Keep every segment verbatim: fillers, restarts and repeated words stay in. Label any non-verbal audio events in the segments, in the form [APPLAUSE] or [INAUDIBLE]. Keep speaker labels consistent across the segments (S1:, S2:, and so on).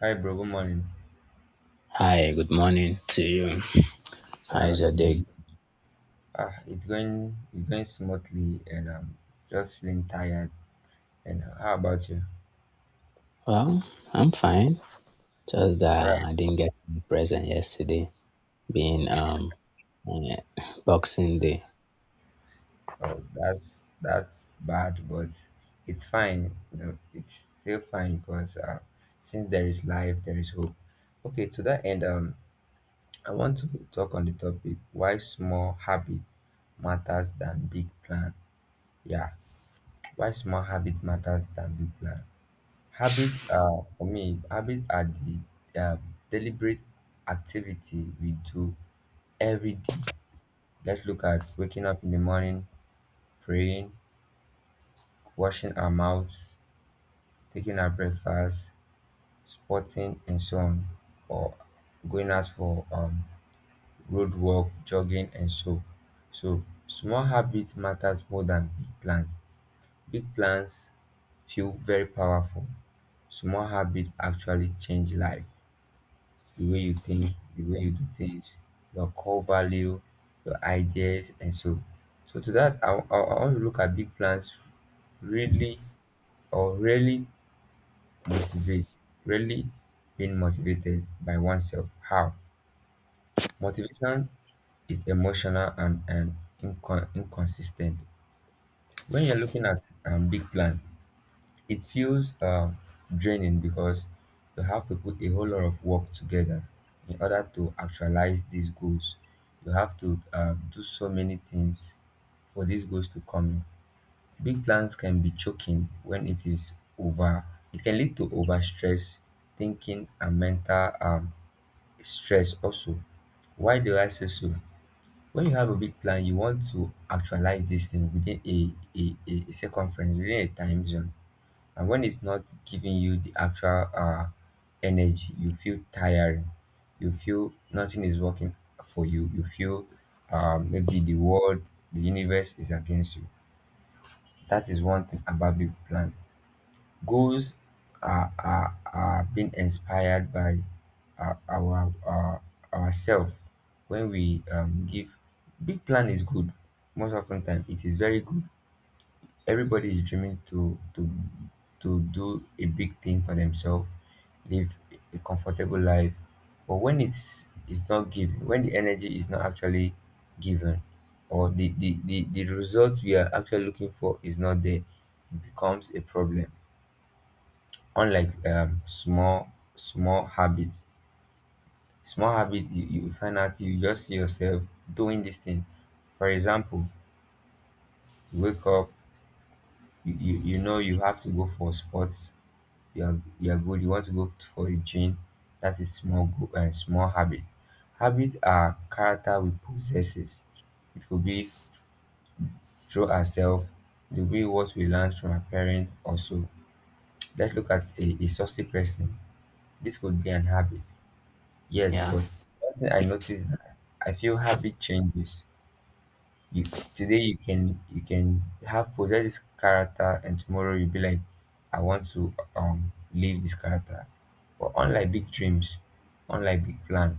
S1: Hi, bro. Good morning.
S2: Hi, good morning to you.
S1: Yeah,
S2: How's your
S1: good
S2: day?
S1: morning. Ah, it's going, it's going smoothly, and I'm just feeling tired. And how about you?
S2: Well, I'm fine. Just
S1: All
S2: that
S1: right.
S2: I didn't get any present yesterday, being um eh, Boxing Day.
S1: Oh, that's that's bad, but it's fine. You know, it's still fine because uh, since there is life, there is hope. Okay. To that end, um, I want to talk on the topic why small habit matters than big plan. Yeah, why small habit matters than big plan. Habits are, for me, habits are the uh, deliberate activity we do every day. Let's look at waking up in the morning, praying, washing our mouths, taking our breakfast, sporting, and so on, or going out for um, road walk, jogging, and so. So small habits matters more than big plans. Big plans feel very powerful. Small habits actually change life, the way you think, the way you do things, your core value, your ideas, and so. So to that, I, I, I want to look at big plans really or really motivate, really being motivated by oneself. How? Motivation is emotional and, and incon- inconsistent. When you're looking at um, big plan, it feels um, draining because you have to put a whole lot of work together in order to actualize these goals. You have to um, do so many things for these goals to come in. Big plans can be choking when it is over. It can lead to overstress, thinking, and mental um, stress also. Why do I say so? When you have a big plan, you want to actualize this thing within a, a, a a circumference, within a time zone. And when it's not giving you the actual uh, energy, you feel tiring, you feel nothing is working for you, you feel uh, maybe the world, the universe is against you. That is one thing about big plan. Goals are, are, are being inspired by uh, our uh, ourselves. When we um, give, big plan is good. Most often time it is very good. Everybody is dreaming to to to do a big thing for themselves, live a comfortable life. But when it's is not given, when the energy is not actually given, or the the, the the result we are actually looking for is not there, it becomes a problem. Unlike um small small habits, small habits, you, you find out, you just see yourself doing this thing. For example, you wake up, you, you you know you have to go for sports. You are, you are good. You want to go for a change. That is small goal and small habit. Habit are character we possesses. It could be through ourselves, the way what we learn from our parents also. Let's look at a, a saucy person. This could be an habit. Yes,
S2: Yeah,
S1: but one thing I noticed that, I feel habit changes. You today you can, you can have possess this character, and tomorrow you'll be like, I want to um leave this character. But unlike big dreams, unlike big plan,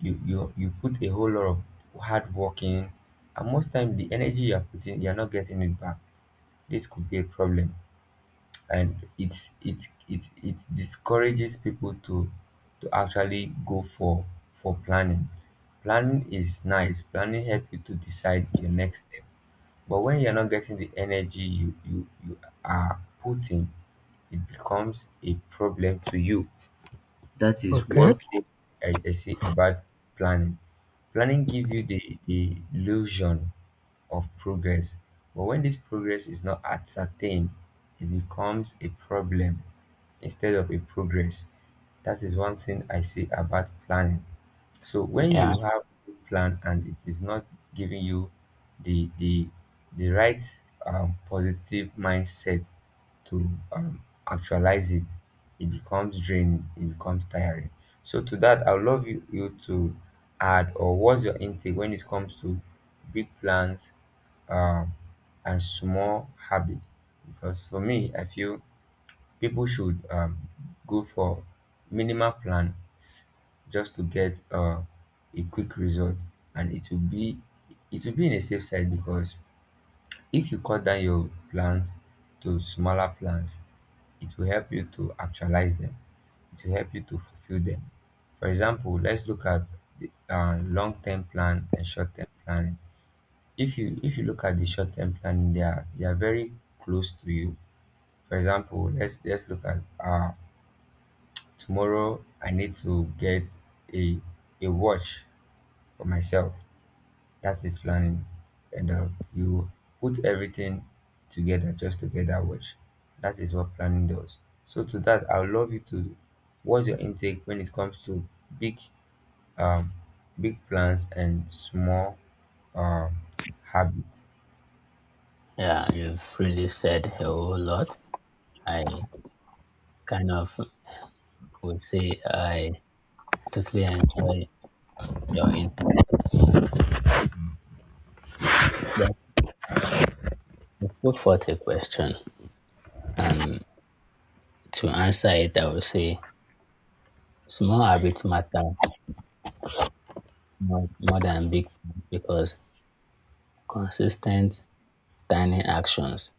S1: you you you put a whole lot of hard working, and most time the energy you are putting you're not getting it back. This could be a problem. And it's it it it discourages people to, to actually go for for planning. Planning is nice. Planning help you to decide your next step. But when you're not getting the energy you, you, you are putting, it becomes a problem to you. That is
S2: okay,
S1: one thing. I, I see about planning. Planning give you the, the illusion of progress. But when this progress is not ascertained, it becomes a problem instead of a progress. That is one thing I see about planning. So when
S2: yeah,
S1: you have a plan and it is not giving you the the the right um, positive mindset to um, actualize it, it becomes draining, it becomes tiring. So to that, I would love you, you to add, or what's your intake when it comes to big plans um, and small habits? Because for me, I feel people should um, go for minimal plans just to get uh, a quick result, and it will be, it will be in a safe side, because if you cut down your plans to smaller plans, it will help you to actualize them, it will help you to fulfill them. For example, let's look at the uh, long-term plan and short-term planning. If you, if you look at the short-term planning, they are they are very close to you. For example, let's let's look at, uh tomorrow I need to get a a watch for myself. That is planning. And uh, you put everything together just to get that watch. That is what planning does. So to that, I would love you to, what's your intake when it comes to big um big plans and small um habits?
S2: yeah. You've really said a whole lot. I kind of would say I totally enjoy your input. But put forth a question, and to answer it, I would say small habits matter more, more than big ones because consistent tiny actions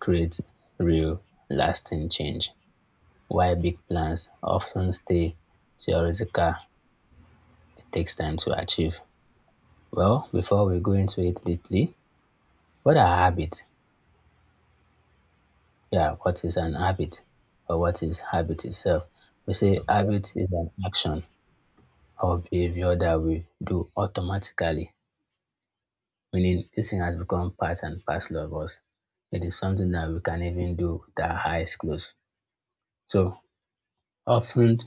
S2: create real, lasting change, while big plans often stay theoretical, it takes time to achieve. Well, before we go into it deeply, what are habits? Yeah, what is an habit or what is habit itself? We say
S1: Okay.
S2: habit is an action or behavior that we do automatically, meaning this thing has become part and parcel of us. It is something that we can even do with our eyes closed. So often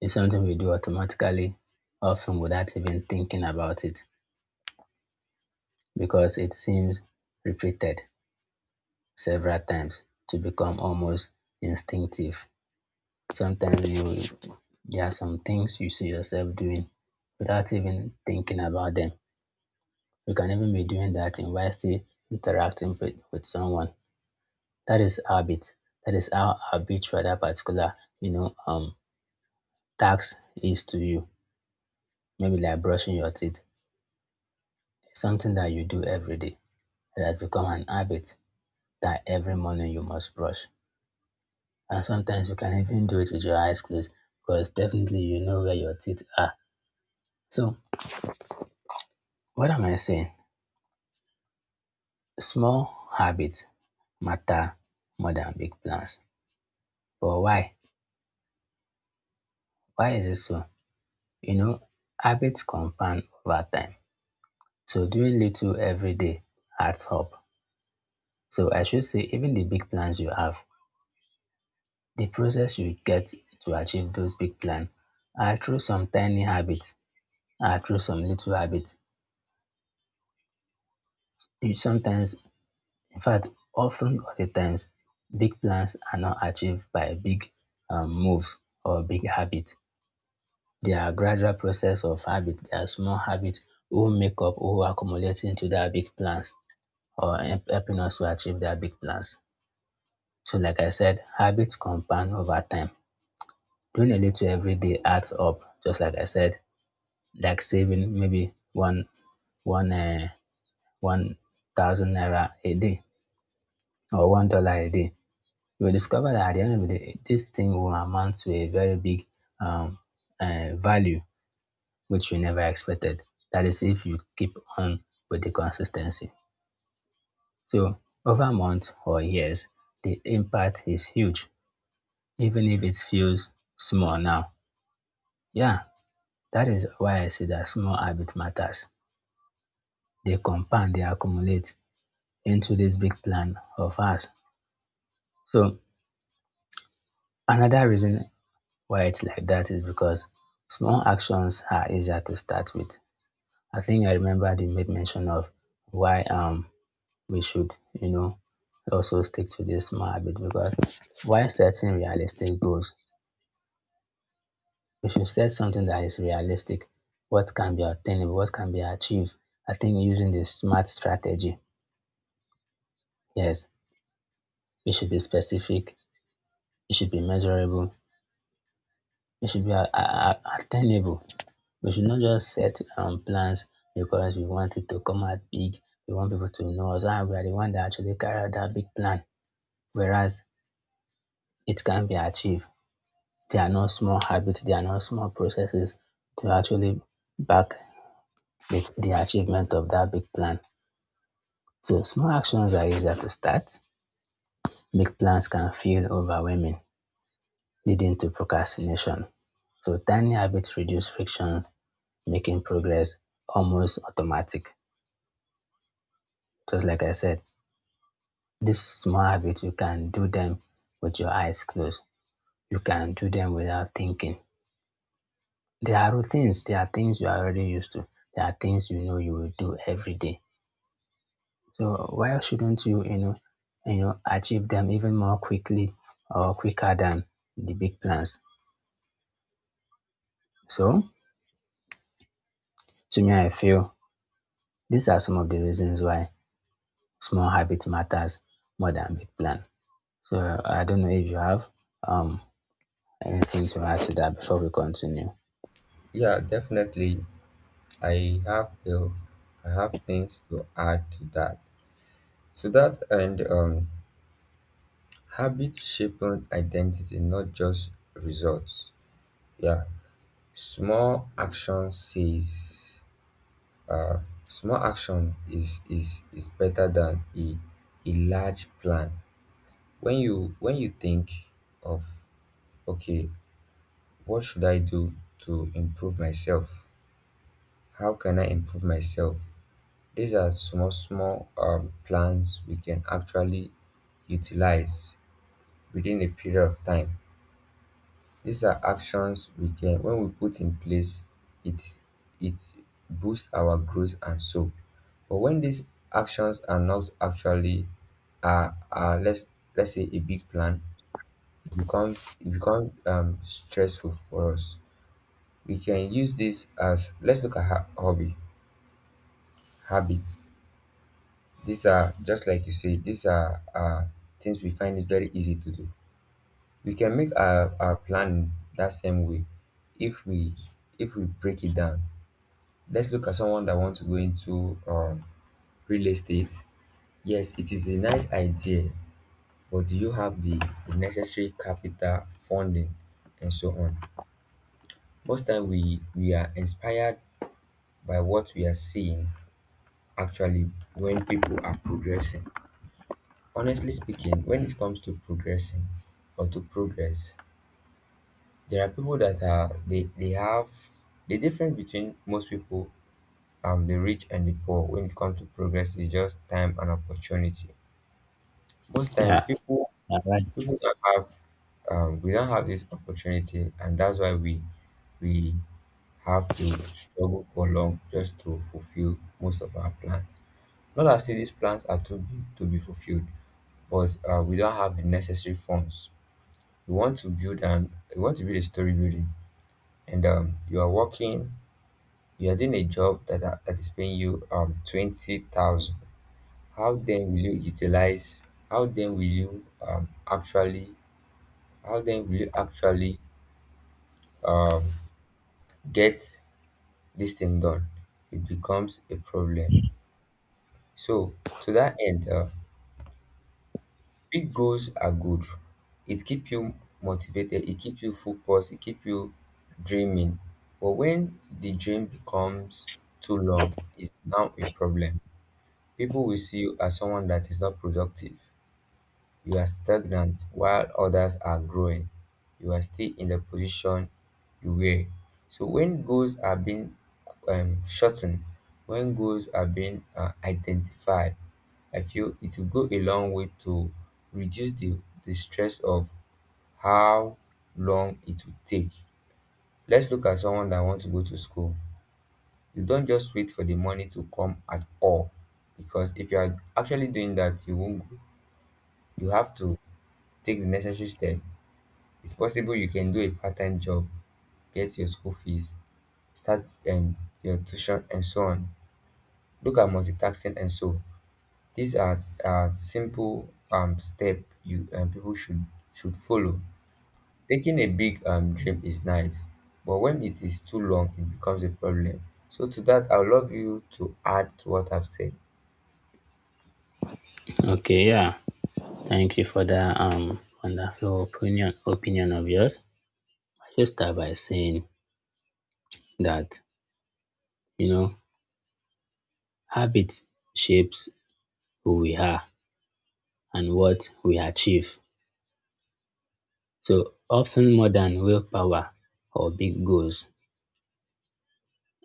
S2: it's something we do automatically, often without even thinking about it, because it seems repeated several times to become almost instinctive. Sometimes you there are some things you see yourself doing without even thinking about them. You can even be doing that and while still interacting with, with someone. That is habit. That is how habitual that particular, you know, um task is to you. Maybe like brushing your teeth. It's something that you do every day. It has become an habit that every morning you must brush. And sometimes you can even do it with your eyes closed because definitely you know where your teeth are. So, what am I saying? Small habits matter more than big plans. But why? Why is it so? You know, habits compound over time. So, doing little every day adds up. So, I should say, even the big plans you have, the process you get to achieve those big plans are through some tiny habits are through some little habits. You sometimes, in fact, often all the times, big plans are not achieved by big um, moves or big habits. They are gradual process of habit. They are small habits who make up, who accumulate into their big plans or help- helping us to achieve their big plans. So, like I said, habits compound over time. Doing a little every day adds up. Just like I said, like saving maybe one one uh, one thousand naira a day or one dollar a day, you will discover that at the end of the day, this thing will amount to a very big um, uh, value which you never expected. That is, if you keep on with the consistency. So, over months or years, the impact is huge, even if it feels small now. Yeah, that is why I say that small habit matters. They compound, they accumulate into this big plan of ours. So, another reason why it's like that is because small actions are easier to start with. I think I remember they made mention of why um we should, you know, also stick to this small habit because while setting realistic goals, we should set something that is realistic. What can be attainable, what can be achieved. I think using the smart strategy, yes, it should be specific, it should be measurable, it should be a- a- a- attainable. We should not just set um, plans because we want it to come out big. We want people to know us. And we are the one that actually carry out that big plan. Whereas it can be achieved. There are no small habits. There are no small processes to actually back the, the achievement of that big plan. So small actions are easier to start. Big plans can feel overwhelming, leading to procrastination. So tiny habits reduce friction, making progress almost automatic. Just like I said. These small habits you can do them with your eyes closed. You can do them without thinking. There are routines. There are things you are already used to. There are things you know you will do every day. So why shouldn't you, you know, you know, achieve them even more quickly or quicker than the big plans? So to me, I feel these are some of the reasons why small habit matters more than big plan. So I don't know if you have um anything to add to that before we continue.
S1: Yeah, definitely. I have a, I have things to add to that. To that end, um, habits shape own identity, not just results. Yeah, small action says, uh, small action is is is better than a a large plan. When you, when you think of, okay, what should I do to improve myself? How can I improve myself? These are small, small um, plans we can actually utilize within a period of time. These are actions we can, when we put in place, it it boosts our growth, and so. But when these actions are not actually, are are let's, let's say a big plan, it becomes, it becomes um stressful for us. We can use this as, let's look at ha- hobby habits. These are, just like you say, these are uh things we find it very easy to do. We can make our, our plan that same way if we, if we break it down. Let's look at someone that wants to go into um, real estate. Yes, it is a nice idea, but do you have the, the necessary capital, funding, and so on? Most time we we are inspired by what we are seeing, actually when people are progressing. Honestly speaking, when it comes to progressing or to progress, there are people that are, they, they have, the difference between most people, um the rich and the poor, when it comes to progress is just time and opportunity. Most time
S2: Yeah,
S1: people,
S2: yeah, right.
S1: people don't have, um, we don't have this opportunity, and that's why we we have to struggle for long just to fulfill most of our plans. Not as if these plans are too big to be fulfilled, but uh, we don't have the necessary funds. We want to build and we want to build a story building, and um, you are working, you are doing a job that are- that is paying you um twenty thousand. How then will you utilize? How then will you um actually how then will you actually um, get this thing done? It becomes a problem. So to that end, uh, big goals are good. It keep you motivated. It keep you focused. It keep you dreaming. But when the dream becomes too long, it's now a problem. People will see you as someone that is not productive. You are stagnant while others are growing. You are still in the position you were. So when goals are being um, shortened, when goals are being uh, identified, I feel it will go a long way to reduce the, the stress of how long it will take. Let's look at someone that wants to go to school. You don't just wait for the money to come at all, because if you are actually doing that, you won't go. You have to take the necessary step. It's possible you can do a part-time job, get your school fees, start um your tuition, and so on. Look at multitasking, and so. These are, are simple um step you, um people should should follow. Taking a big um dream is nice, but when it is too long it becomes a problem. So to that, I would love you to add to what I've said.
S2: Okay, yeah. Thank you for that um wonderful opinion opinion of yours. I just start by saying that you know habit shapes who we are and what we achieve. So often more than willpower or big goals,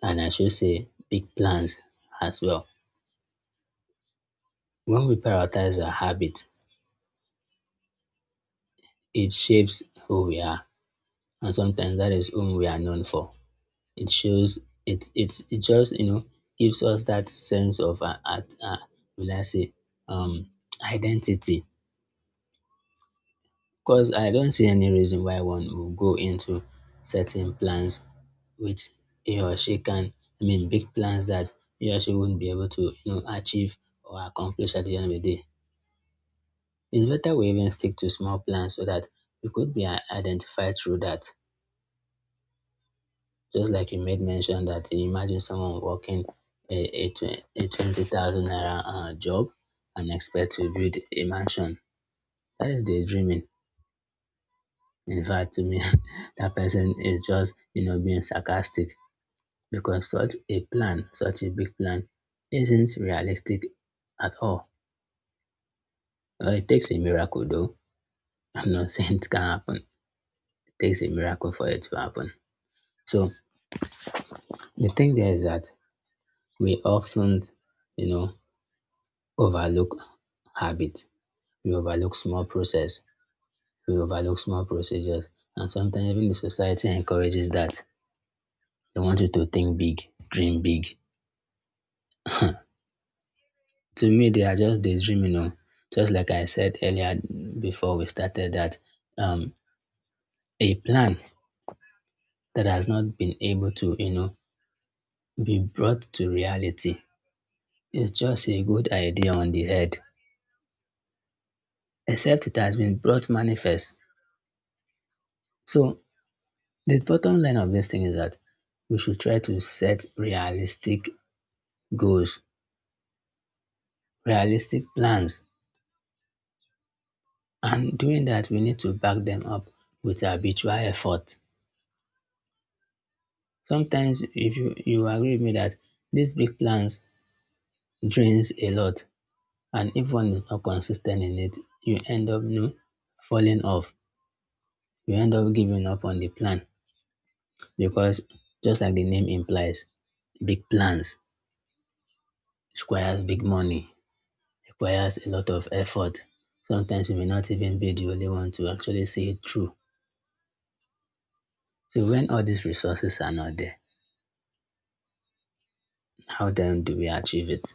S2: and I should say big plans as well. When we prioritize our habit, it shapes who we are, and sometimes that is whom we are known for. It shows, it it it just you know gives us that sense of uh, at uh, will I say um identity, because I don't see any reason why one would go into certain plans which he or she can, I mean big plans that he or she wouldn't be able to you know achieve or accomplish at the end of the day. It's better we even stick to small plans so that we could be i- identified through that. Just like you made mention that you imagine someone working a, a, twen- a twenty thousand naira uh, job and expect to build a mansion. That is daydreaming. In fact, to me, [LAUGHS] that person is just, you know, being sarcastic because such a plan, such a big plan, isn't realistic at all. Well, it takes a miracle, though. I'm not [LAUGHS] saying it can happen. It takes a miracle for it to happen. So the thing there is that we often, you know, overlook habit. We overlook small process, we overlook small procedures, and sometimes even the society encourages that. They want you to think big, dream big. [LAUGHS] To me, they are just daydreaming. You know. Just like I said earlier before we started that um, a plan that has not been able to, you know, be brought to reality is just a good idea on the head, except it has been brought manifest. So the bottom line of this thing is that we should try to set realistic goals, realistic plans, and doing that we need to back them up with habitual effort. Sometimes if you, you agree with me that these big plans drains a lot, and if one is not consistent in it, you end up you know, falling off. You end up giving up on the plan because just like the name implies, big plans requires big money, requires a lot of effort. Sometimes you may not even be the only one to actually see it through. So when all these resources are not there, how then do we achieve it?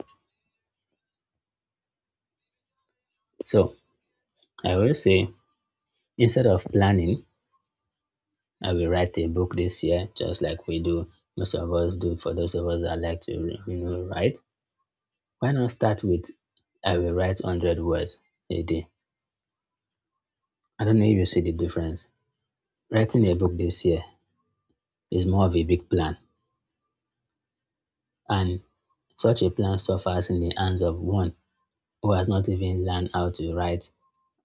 S2: So I will say instead of planning, I will write a book this year, just like we do, most of us do for those of us that like to you know write. Why not start with I will write one hundred words a day? I don't know if you see the difference. Writing a book this year is more of a big plan, and such a plan suffers in the hands of one who has not even learned how to write,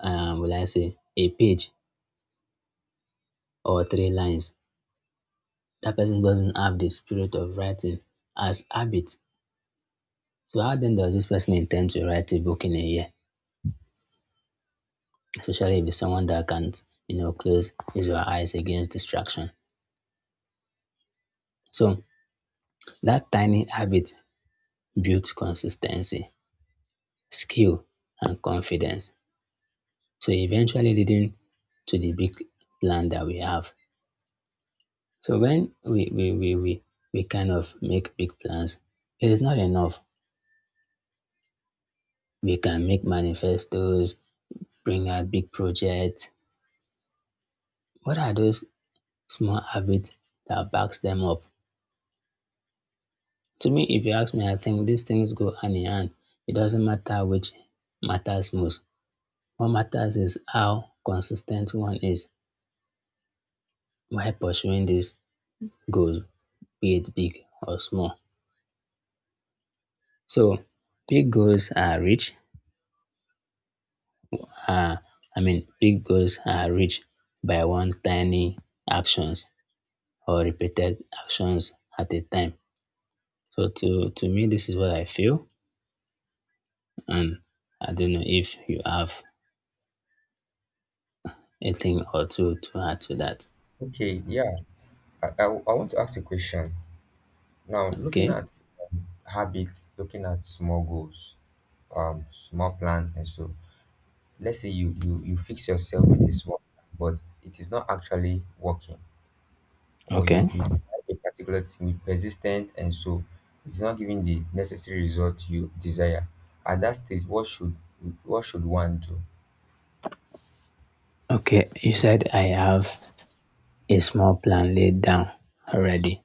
S2: um, will I say, a page or three lines, that person doesn't have the spirit of writing as habit. So how then does this person intend to write a book in a year? Especially if it's someone that can't, you know, close his or her eyes against distraction. So that tiny habit builds consistency, skill, and confidence. So eventually leading to the big plan that we have. So when we we, we, we we kind of make big plans, it is not enough. We can make manifestos, bring out big projects, what are those small habits that backs them up? To me, if you ask me, I think these things go hand in hand. It doesn't matter which matters most. What matters is how consistent one is while pursuing these goals, be it big or small. So big goals are reached, uh, I mean, big goals are reached by one tiny actions or repeated actions at a time. So to, to me, this is what I feel. And I don't know if you have a thing or two to add to that.
S1: Okay, yeah. I, I, I want to ask a question. Now, looking
S2: Okay.
S1: at um, habits, looking at small goals, um small plan, and so, let's say you you you fix yourself with a small plan but it is not actually working, or
S2: Okay.
S1: you you try a particular thing with persistence, and so it's not giving the necessary result you desire. At that stage, what should what should one do?
S2: Okay. You said I have a small plan laid down already.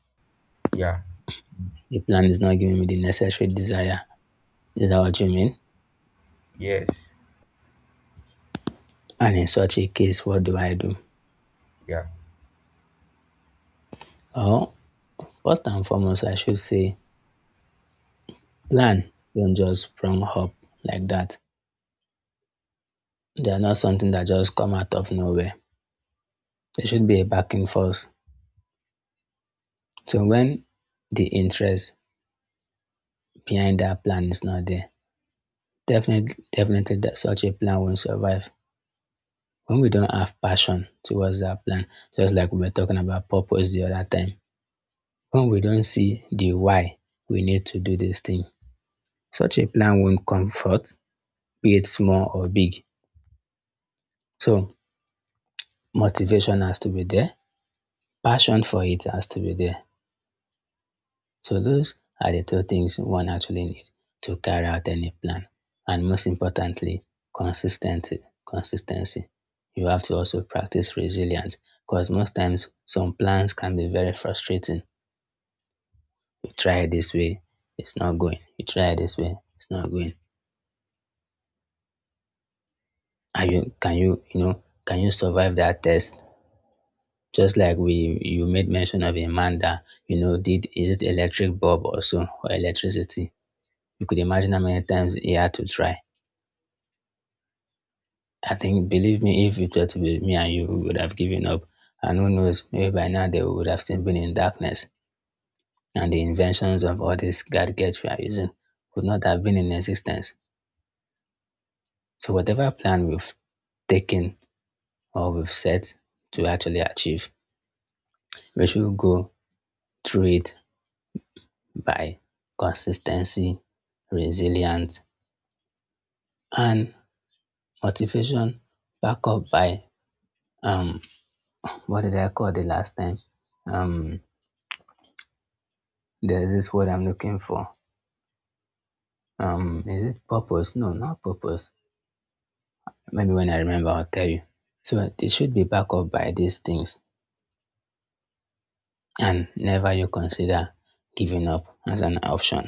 S1: Yeah.
S2: The plan is not giving me the necessary desire. Is that what you mean?
S1: Yes.
S2: And in such a case, what do I do?
S1: Yeah.
S2: Oh, first and foremost, I should say plan. Don't just sprung up like that. They are not something that just come out of nowhere. There should be a back and forth. So when the interest behind that plan is not there, definitely, definitely that such a plan won't survive. When we don't have passion towards that plan, just like we were talking about purpose the other time, when we don't see the why we need to do this thing, such a plan won't come forth, be it small or big. So motivation has to be there, passion for it has to be there. So those are the two things one actually needs to carry out any plan. And most importantly, consistency. Consistency. You have to also practice resilience because most times some plans can be very frustrating. You try it this way, it's not going. You try it this way, it's not going. Are you, can you you know can you survive that test? Just like we you made mention of a man that you know did, is it electric bulb also or electricity? You could imagine how many times he had to try. I think, believe me, if it were to be me and you, we would have given up. And who knows, maybe by now they would have still been in darkness, and the inventions of all these gadgets we are using would not have been in existence. So, whatever plan we've taken or we've set to actually achieve, we should go through it by consistency, resilience, and motivation, back up by um, what did I call the last time? Um, there's this word I'm looking for. Um, is it purpose? No, not purpose. Maybe when I remember, I'll tell you. So it should be backed up by these things, and never you consider giving up as an option.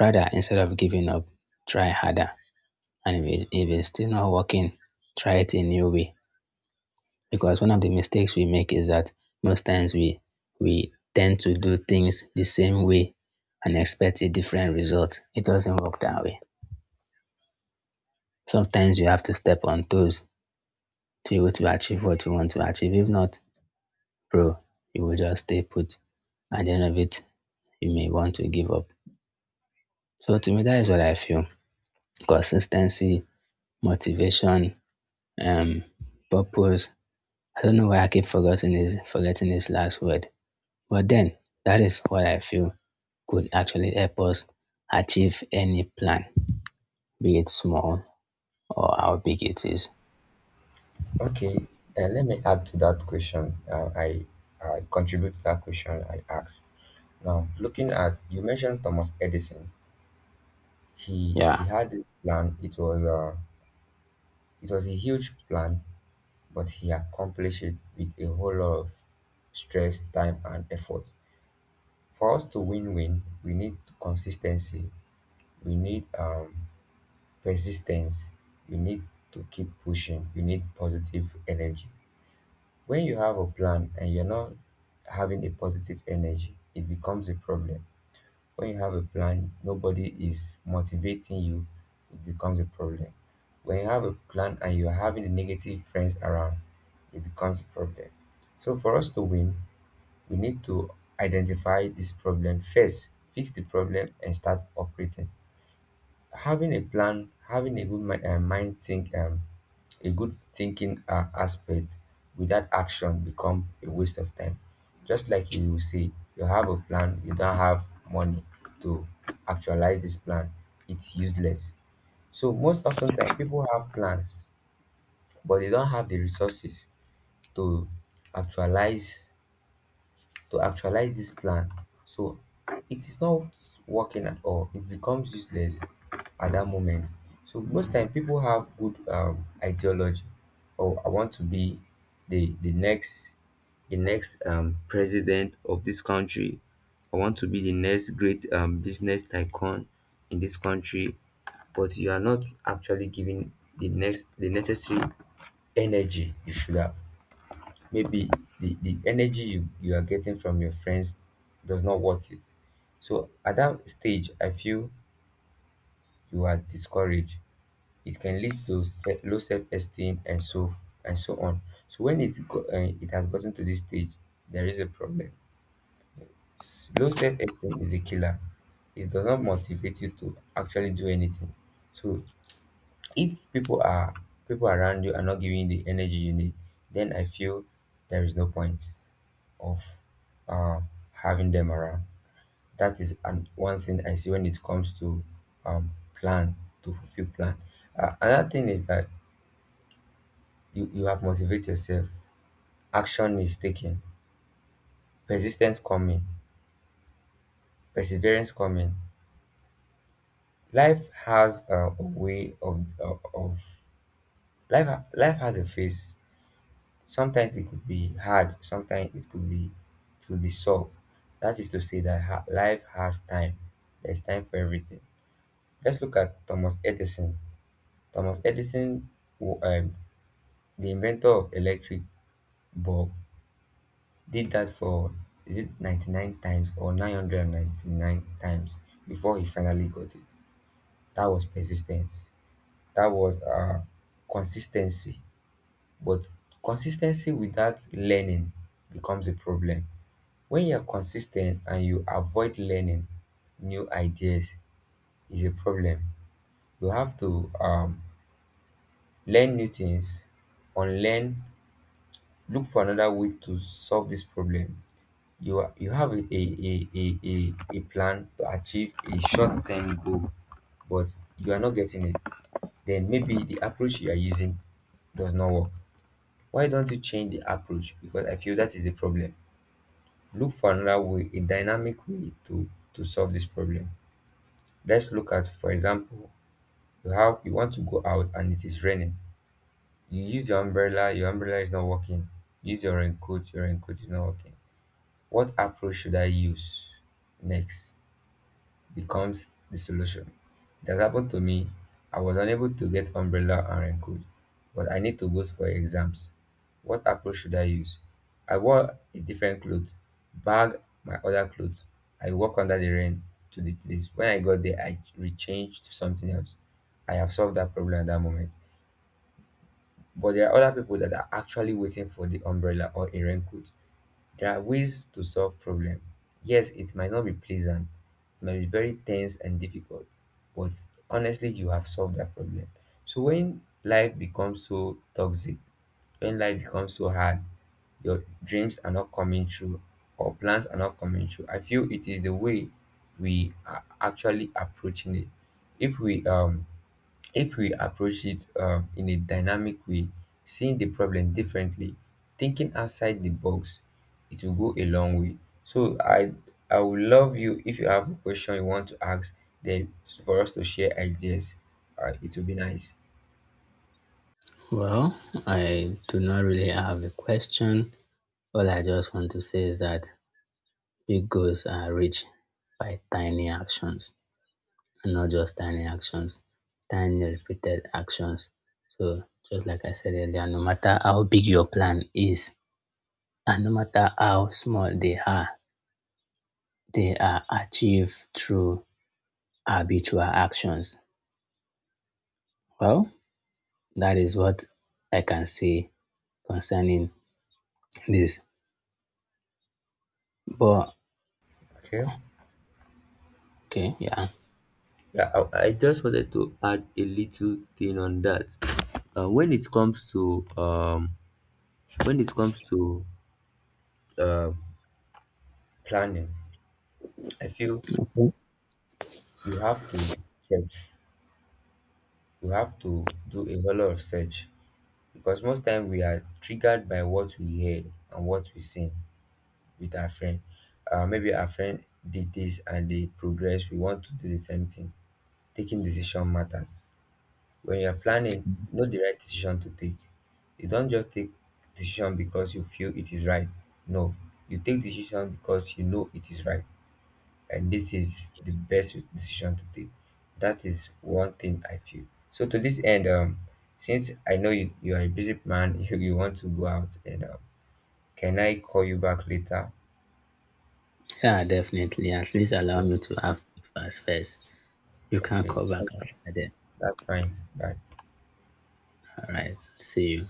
S2: Rather, instead of giving up, try harder. And if, it, if it's still not working, try it a new way. Because one of the mistakes we make is that most times we we tend to do things the same way and expect a different result. It doesn't work that way. Sometimes you have to step on toes to able to achieve what you want to achieve. If not, bro, you will just stay put. At the end of it, you may want to give up. So to me, that is what I feel. Consistency, motivation, um, purpose. I don't know why I keep forgetting his forgetting his last word. But then that is what I feel could actually help us achieve any plan, be it small or how big it is.
S1: Okay. Uh, let me add to that question. Uh, i i contribute to that question I asked. Now, looking at, you mentioned Thomas Edison, he he
S2: Yeah.
S1: had this plan. It was uh it was a huge plan, but he accomplished it with a whole lot of stress, time, and effort. For us to win win, we need consistency, we need um, persistence, we need to keep pushing, we need positive energy. When you have a plan and you're not having a positive energy, it becomes a problem. When you have a plan, nobody is motivating you, it becomes a problem. When you have a plan and you're having the negative friends around, it becomes a problem. So, for us to win, we need to identify this problem first, fix the problem, and start operating having a plan, having a good mind, uh, mind think um, a good thinking uh, aspect without action become a waste of time. Just like you will say, you have a plan, you don't have money to actualize this plan, it's useless. So most often time people have plans but they don't have the resources to actualize to actualize this plan. So it is not working at all. It becomes useless at that moment. So most time people have good um, ideology. Oh, I want to be the the next the next um, president of this country. I want to be the next great um, business tycoon in this country, but you are not actually giving the next the necessary energy you should have. Maybe the, the energy you, you are getting from your friends does not worth it. So at that stage, I feel you are discouraged. It can lead to se- low self-esteem and so and so on. So when it go, uh, it has gotten to this stage, there is a problem. S- Low self-esteem is a killer. It does not motivate you to actually do anything. So if people are people around you are not giving you the energy you need, then I feel there is no point of uh, having them around. That is an, one thing I see when it comes to um, plan, to fulfill plan. Uh, another thing is that you, you have motivate yourself, action is taken, persistence coming, perseverance coming. Life has uh, a way of, of of- life ha- life has a face. Sometimes it could be hard, sometimes it could be it could be soft. That is to say that ha- life has time, there's time for everything. Let's look at Thomas Edison. Thomas Edison wa- um, the inventor of electric bulb did that for, is it ninety-nine times or nine hundred ninety-nine times before he finally got it? That was persistence, that was uh consistency. But consistency without learning becomes a problem. When you are consis ten t and you avoid learning new ideas is a problem. You have to um learn new things, unlearn, look for another way to solve this problem. You ha- you have a a a a a a plan to achieve a short term goal but you are not getting it. Then maybe the approach you are using does not work. Why don't you change the approach, because I feel that is the problem. Look for another way, a dynamic way to to solve this problem. Let's look at, for example, you have you want to go out and it is raining. You use your umbrella, your umbrella is not working. Use your raincoat, your raincoat is not working. What approach should I use next becomes the solution. It has happened to me. I was unable to get umbrella and raincoat, but I need to go for exams. What approach should I use? I wore a different clothes, bag my other clothes. I walked under the rain to the place. When I got there, I rechanged to something else. I have solved that problem at that moment. But there are other people that are actually waiting for the umbrella or a raincoat. There are ways to solve problem. Yes, it might not be pleasant, it might be very tense and difficult, but honestly, you have solved that problem. So when life becomes so toxic, when life becomes so hard, your dreams are not coming true or plans are not coming true. I feel it is the way we are actually approaching it. If we um if we approach it um, in a dynamic way, seeing the problem differently, thinking outside the box, it will go a long way. So I I would love you if you have a question you want to ask, then for us to share ideas. Uh, it will be nice.
S2: Well, I do not really have a question. All I just want to say is that big goals are reached by tiny actions, and not just tiny actions, tiny repeated actions. So, just like I said earlier, no matter how big your plan is and no matter how small they are, they are achieved through habitual actions. Well, that is what I can say concerning this. But,
S1: Okay.
S2: okay, yeah.
S1: Yeah, I, I just wanted to add a little thing on that. Uh, when it comes to um, when it comes to uh, planning, I feel you have to check. We have to do a whole lot of search because most time we are triggered by what we hear and what we see with our friend. Uh, maybe our friend did this and they progress. We want to do the same thing. Taking decision matters. When you are planning, know the right decision to take. You don't just take decision because you feel it is right. No, you take decision because you know it is right and this is the best decision to take. That is one thing I feel. So to this end, um, since I know you, you are a busy man, [LAUGHS] you, you want to go out, and um, can I call you back later?
S2: Yeah, definitely. At least allow
S1: Yeah.
S2: me to have breakfast first. You can
S1: Okay,
S2: call back after then.
S1: that's fine. Bye.
S2: All right. See you.